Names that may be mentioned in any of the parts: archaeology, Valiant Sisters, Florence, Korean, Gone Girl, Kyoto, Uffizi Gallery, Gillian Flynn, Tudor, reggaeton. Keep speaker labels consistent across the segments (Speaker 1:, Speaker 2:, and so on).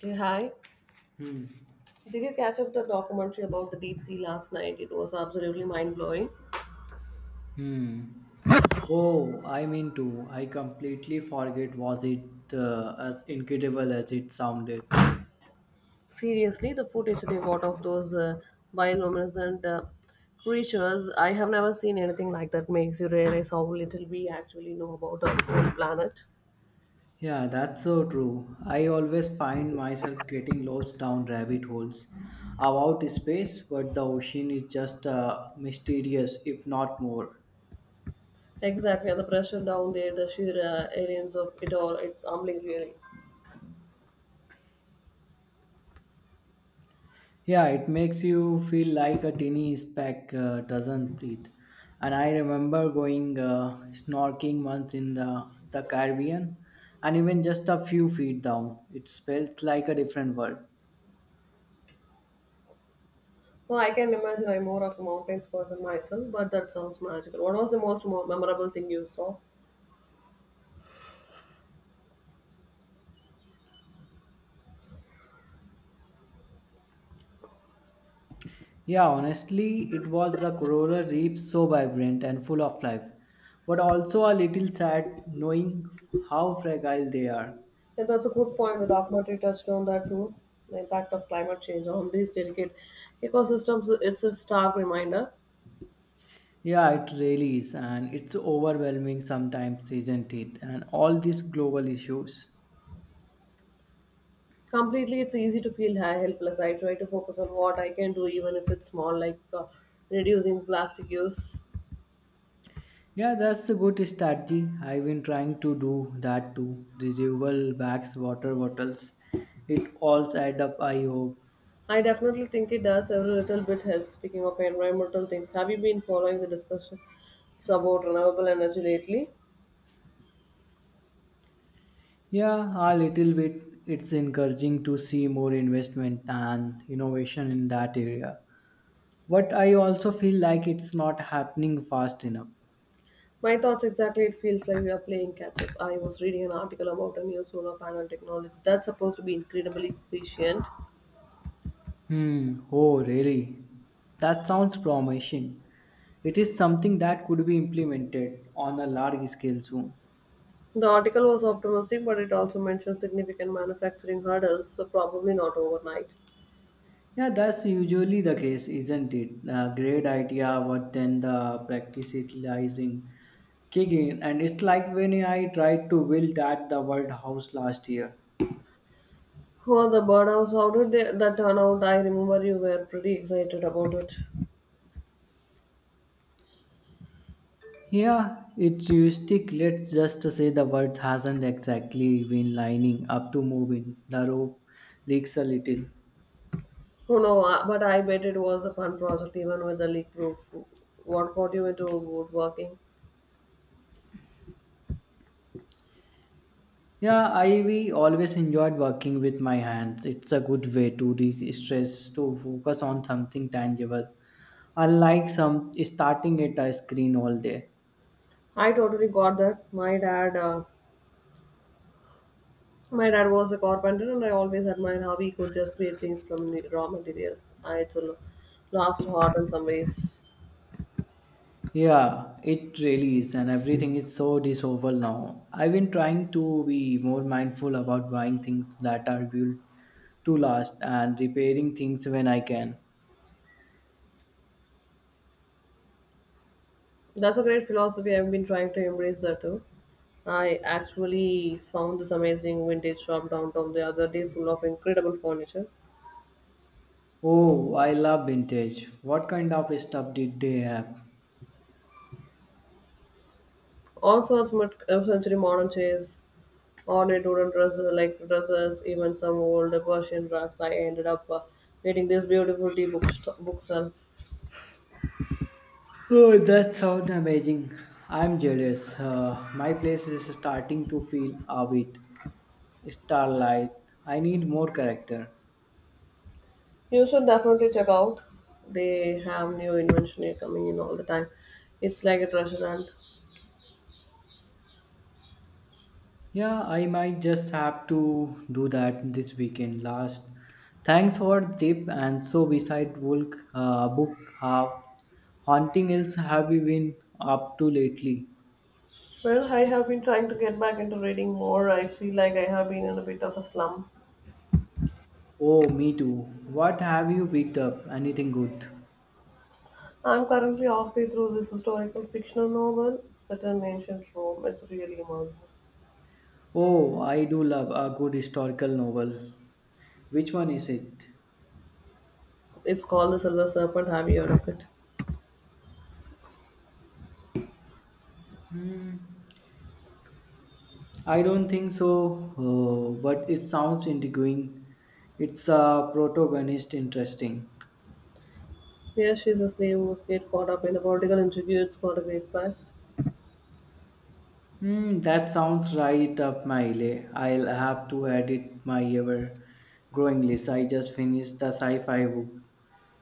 Speaker 1: Hey, hi. Did you catch up the documentary about the deep sea last night? It was absolutely mind blowing.
Speaker 2: Hmm. Oh, I mean too. I completely forget. Was it as incredible as it sounded?
Speaker 1: Seriously, the footage they got of those bioluminescent creatures, I have never seen anything like that. Makes you realize how little we actually know about our own planet.
Speaker 2: Yeah, that's so true. I always find myself getting lost down rabbit holes about space, but the ocean is just mysterious, if not more.
Speaker 1: Exactly, and the pressure down there, the sheer aliens of it all, it's humbling really.
Speaker 2: Yeah, it makes you feel like a teeny speck, doesn't it? And I remember going snorkeling once in the Caribbean, and even just a few feet down, it felt like a different world.
Speaker 1: Well, I can imagine I'm more of a mountains person myself, but that sounds magical. What was the most memorable thing you saw?
Speaker 2: Yeah, honestly, it was the coral reef so vibrant and full of life, but also a little sad knowing how fragile they are.
Speaker 1: Yeah, that's a good point. The documentary touched on that too. The impact of climate change on these delicate ecosystems, it's a stark reminder.
Speaker 2: Yeah, it really is, and it's overwhelming sometimes, isn't it? And all these global issues.
Speaker 1: Completely, it's easy to feel helpless. I try to focus on what I can do, even if it's small, like reducing plastic use.
Speaker 2: Yeah, that's a good strategy. I've been trying to do that too. Reusable bags, water bottles, it all add up, I hope.
Speaker 1: I definitely think it does. Every little bit helps. Speaking of environmental things, have you been following the discussion about renewable energy lately?
Speaker 2: Yeah, a little bit. It's encouraging to see more investment and innovation in that area. But I also feel like it's not happening fast enough.
Speaker 1: My thoughts exactly. It feels like we are playing catch up. I was reading an article about a new solar panel technology that's supposed to be incredibly efficient.
Speaker 2: Hmm, oh, really? That sounds promising. It is something that could be implemented on a large scale soon.
Speaker 1: The article was optimistic, but it also mentioned significant manufacturing hurdles, so probably not overnight.
Speaker 2: Yeah, that's usually the case, isn't it? A great idea, but then the practicalizing. Utilizing kick in, and it's like when I tried to build at the word house last year.
Speaker 1: Oh, the burnouts, how did they, that turn out? I remember you were pretty excited about it.
Speaker 2: Yeah, it's heuristic. Let's just say the word hasn't exactly been lining up to moving. The rope leaks a little.
Speaker 1: Oh no, I- but I bet it was a fun project even with the leak proof. What got you into woodworking?
Speaker 2: Yeah, I we always enjoyed working with my hands. It's a good way to de-stress, to focus on something tangible. Unlike some starting at a screen all day.
Speaker 1: I totally got that. My dad My dad was a carpenter, and I always admired how he could just create things from the raw materials. I it's a lost heart in some ways.
Speaker 2: Yeah, it really is, and everything is so disposable now. I've been trying to be more mindful about buying things that are built to last and repairing things when I can.
Speaker 1: That's a great philosophy. I've been trying to embrace that too. I actually found this amazing vintage shop downtown the other day, full of incredible furniture,
Speaker 2: Oh, I love vintage. What kind of stuff did they have?
Speaker 1: all sorts of century modern chairs, ornate wooden dresses, like dresses, even some old Persian rugs. I ended up reading this beautiful tea book shelf.
Speaker 2: Oh, that sounds amazing. I'm jealous. My place is starting to feel a bit starlight. I need more character.
Speaker 1: You should definitely check out. They have new invention here coming in all the time. It's like a treasure hunt.
Speaker 2: Yeah, I might just have to do that this weekend last. Thanks for the tip. And so, beside Volk, book, have haunting else have you been up to lately?
Speaker 1: Well, I have been trying to get back into reading more. I feel like I have been in a bit of a slump.
Speaker 2: Oh, me too. What have you picked up? Anything good?
Speaker 1: I'm currently halfway through this historical fictional novel set in ancient Rome. It's really immersive.
Speaker 2: Oh, I do love a good historical novel. Which one is it?
Speaker 1: It's called The Silver Serpent. Have you heard of it?
Speaker 2: I don't think so, but it sounds intriguing. It's a protagonist interesting.
Speaker 1: Yeah, she's this name who's get caught up in a political intrigue. It's got a great price.
Speaker 2: Hmm, that sounds right up my alley. I'll have to edit my ever growing list. I just finished the sci fi book.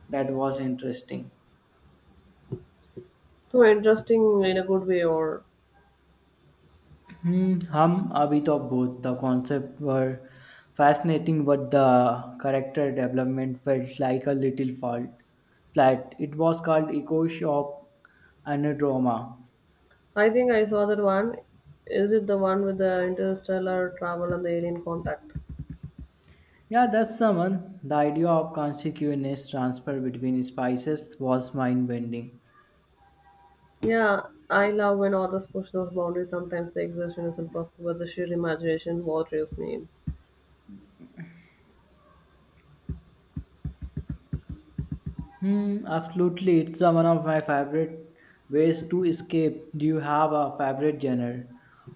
Speaker 2: That was interesting.
Speaker 1: So interesting in a good way or
Speaker 2: Hmm, a bit of both. The concept were fascinating, but the character development felt like a little fault, flat. It was called Echo Shop Anadroma.
Speaker 1: I think I saw that one. Is it the one with the interstellar travel and the alien contact?
Speaker 2: Yeah, that's the one. The idea of consequence transfer between spices was mind bending.
Speaker 1: Yeah, I love when authors push those boundaries. Sometimes the exertion isn't perfect, but the sheer imagination what draws me in.
Speaker 2: Hmm, absolutely. It's one of my favorite ways to escape. Do you have a favorite genre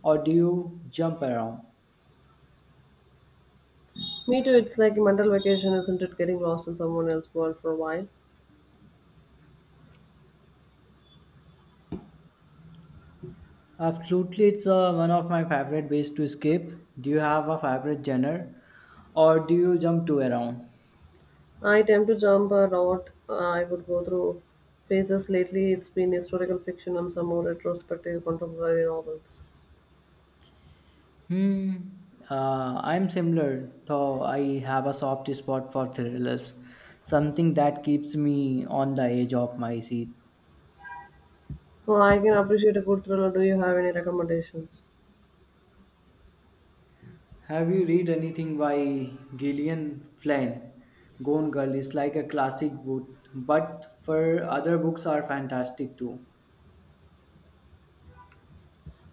Speaker 2: or do you jump around?
Speaker 1: Me too, it's like a mental vacation, isn't it? Getting lost in someone else's world for a while.
Speaker 2: Absolutely, it's one of my favorite ways to escape. Do you have a favorite genre or do you jump to around?
Speaker 1: I tend to jump around. I would go through phases lately. It's been historical fiction and some more retrospective contemporary novels.
Speaker 2: Hmm, I'm similar, though I have a soft spot for thrillers, something that keeps me on the edge of my seat.
Speaker 1: Oh, I can appreciate a good thriller. Do you have any recommendations?
Speaker 2: Have you read anything by Gillian Flynn? Gone Girl is like a classic book, but for other books are fantastic too.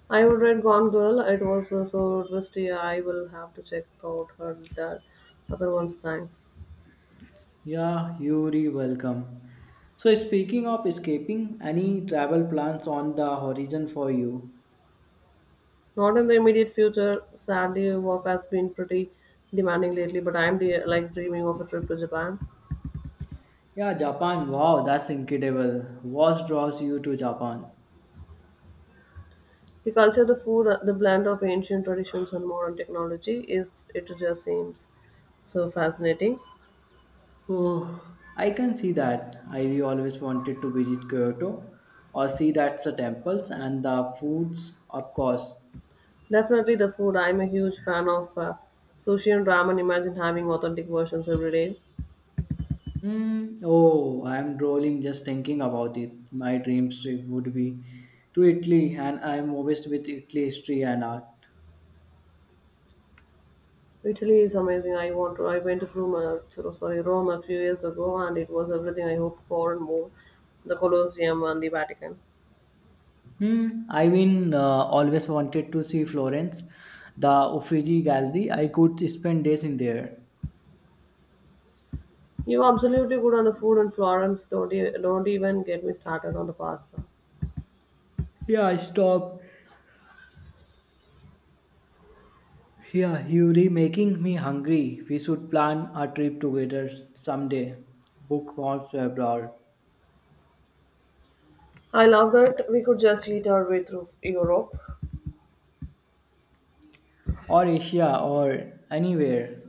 Speaker 1: I would read Gone Girl. It was so twisty. I will have to check out her that other one's thanks.
Speaker 2: Yeah, you're welcome. So speaking of escaping, any travel plans on the horizon for you?
Speaker 1: Not in the immediate future. Sadly, work has been pretty demanding lately. But I'm like dreaming of a trip to Japan.
Speaker 2: Yeah, Japan. Wow, that's incredible. What draws you to Japan?
Speaker 1: The culture, the food, the blend of ancient traditions and modern technology is it just seems so fascinating.
Speaker 2: Oh, I can see that. I we always wanted to visit Kyoto or see that's the temples and the foods, of course.
Speaker 1: Definitely the food. I'm a huge fan of sushi and ramen. Imagine having authentic versions every day.
Speaker 2: Mm, oh, I'm drooling just thinking about it. My dream trip would be to Italy, and I'm obsessed with Italy history and art.
Speaker 1: Italy is amazing. I want to. I went to Rome, sorry, Rome a few years ago, and it was everything I hoped for and more. The Colosseum and the Vatican.
Speaker 2: Hmm, I mean, always wanted to see Florence, the Uffizi Gallery. I could spend days in there.
Speaker 1: You absolutely good on the food in Florence. Don't even get me started on the pasta.
Speaker 2: Yeah, stop. Yeah, you're making me hungry. We should plan a trip together someday. Book wants abroad,
Speaker 1: I love that we could just eat our way through Europe.
Speaker 2: or Asia, or anywhere.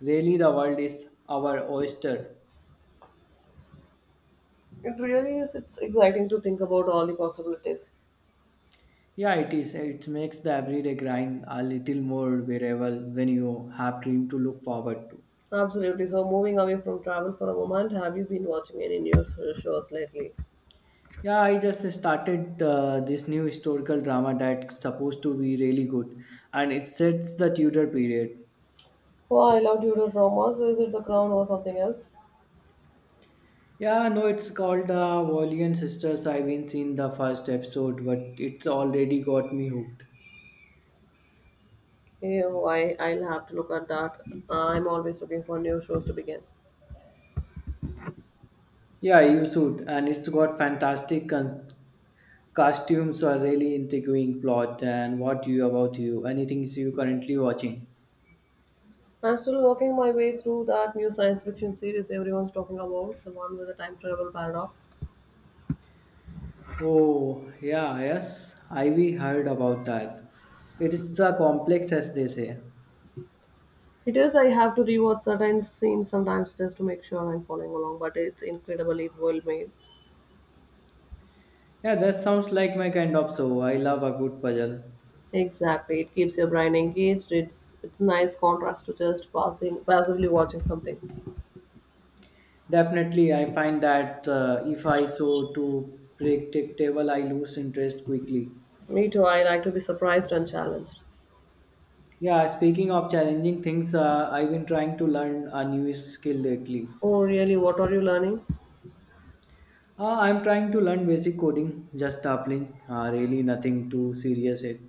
Speaker 2: Really, the world is our oyster.
Speaker 1: It really is. It's exciting to think about all the possibilities.
Speaker 2: Yeah, it is. It makes the everyday grind a little more bearable when you have dream to look forward to.
Speaker 1: Absolutely. So, moving away from travel for a moment, have you been watching any news shows lately?
Speaker 2: Yeah, I just started this new historical drama that's supposed to be really good, and it sets the Tudor period.
Speaker 1: Oh, I love Tudor dramas. Is it The Crown or something else?
Speaker 2: Yeah, no, it's called the Valiant Sisters. I haven't seen the first episode, but it's already got me hooked.
Speaker 1: Ew, I'll have to look at that. I'm always looking for new shows to begin.
Speaker 2: Yeah, you should, and it's got fantastic costumes, a really intriguing plot, and what you about you? Anything you currently watching?
Speaker 1: I'm still working my way through that new science fiction series everyone's talking about, the one with the time travel paradox.
Speaker 2: Oh, yeah, yes, Ivy heard about that. It's a complex as they say.
Speaker 1: It is, I have to rewatch certain scenes sometimes just to make sure I'm following along, but it's incredibly well made.
Speaker 2: Yeah, that sounds like my kind of show. I love a good puzzle.
Speaker 1: Exactly, it keeps your brain engaged. It's nice contrast to just passing passively watching something.
Speaker 2: Definitely, I find that if I so too predictable, I lose interest quickly.
Speaker 1: Me too. I like to be surprised and challenged.
Speaker 2: Yeah, speaking of challenging things, I've been trying to learn a new skill lately.
Speaker 1: Oh, really? What are you learning?
Speaker 2: I'm trying to learn basic coding, just dabbling, really nothing too serious yet.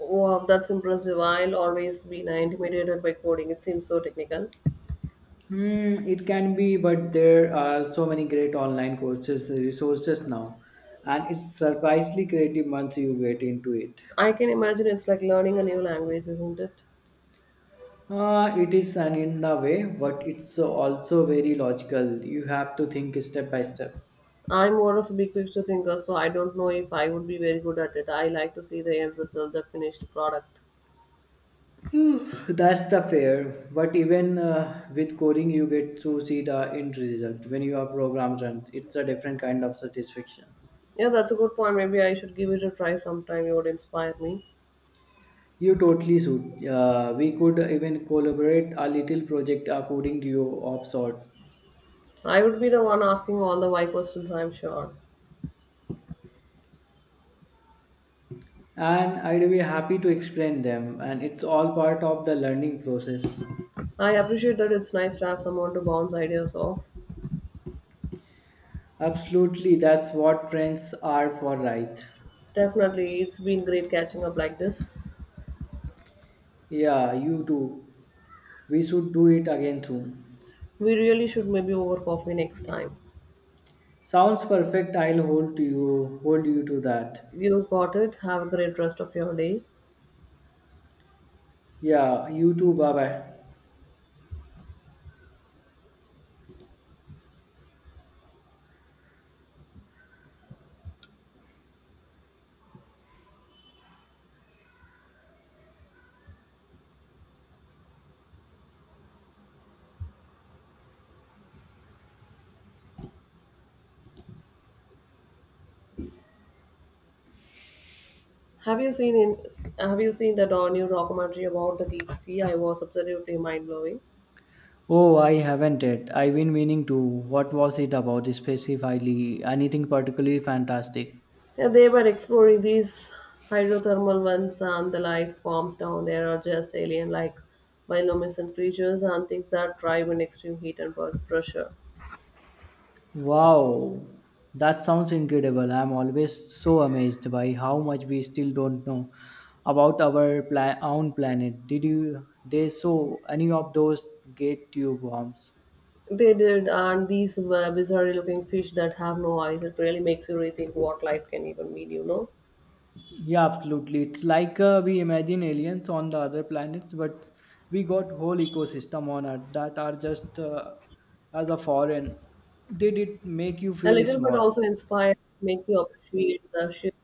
Speaker 1: Wow, that's impressive. I'll always be intimidated by coding. It seems so technical.
Speaker 2: Hmm, it can be, but there are so many great online courses resources now, and it's surprisingly creative once you get into it.
Speaker 1: I can imagine it's like learning a new language, isn't it?
Speaker 2: It is an in a way, but it's also very logical. You have to think step by step.
Speaker 1: I'm more of a big picture thinker, so I don't know if I would be very good at it. I like to see the end result, the finished product.
Speaker 2: Hmm, that's the fair. But even with coding, you get to see the end result when your program runs. It's a different kind of satisfaction.
Speaker 1: Yeah, that's a good point. Maybe I should give it a try sometime. It would inspire me.
Speaker 2: You totally should. We could even collaborate a little project, a coding duo of sort.
Speaker 1: I would be the one asking all the why questions, I'm sure.
Speaker 2: And I'd be happy to explain them, and it's all part of the learning process.
Speaker 1: I appreciate that it's nice to have someone to bounce ideas off.
Speaker 2: Absolutely, that's what friends are for, right?
Speaker 1: Definitely, it's been great catching up like this.
Speaker 2: Yeah, you too. We should do it again soon.
Speaker 1: We really should maybe over coffee next time.
Speaker 2: Sounds perfect. I'll hold to you, hold you to that.
Speaker 1: You got it. Have a great rest of your day.
Speaker 2: Yeah, you too. Bye bye.
Speaker 1: Have you seen in Have you seen that new documentary about the deep sea? I was absolutely mind blowing.
Speaker 2: Oh, I haven't yet. I've been meaning to. What was it about specifically? Anything particularly fantastic?
Speaker 1: Yeah, they were exploring these hydrothermal vents and the life forms down there are just alien like bioluminescent creatures and things that thrive in extreme heat and pressure.
Speaker 2: Wow, that sounds incredible. I'm always so amazed by how much we still don't know about our own planet. Did you they saw any of those gate tube bombs?
Speaker 1: They did, and these were bizarre looking fish that have no eyes. It really makes you rethink what life can even mean, you know.
Speaker 2: Yeah, absolutely. It's like we imagine aliens on the other planets, but we got whole ecosystem on Earth that are just as a foreign. Did it make you
Speaker 1: A
Speaker 2: feel
Speaker 1: little, but
Speaker 2: small?
Speaker 1: also inspired, makes you appreciate the shift.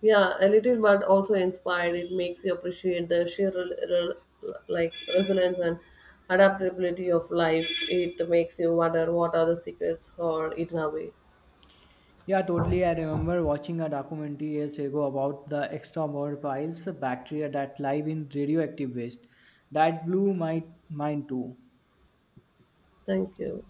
Speaker 1: Yeah a little but also inspired it makes you appreciate the sheer rel- rel- like resilience and adaptability of life, it makes you wonder what are the secrets or hidden away.
Speaker 2: Yeah, totally. I remember watching a documentary years ago about the extramolecular bacteria that live in radioactive waste. That blew my mind too.
Speaker 1: Thank you.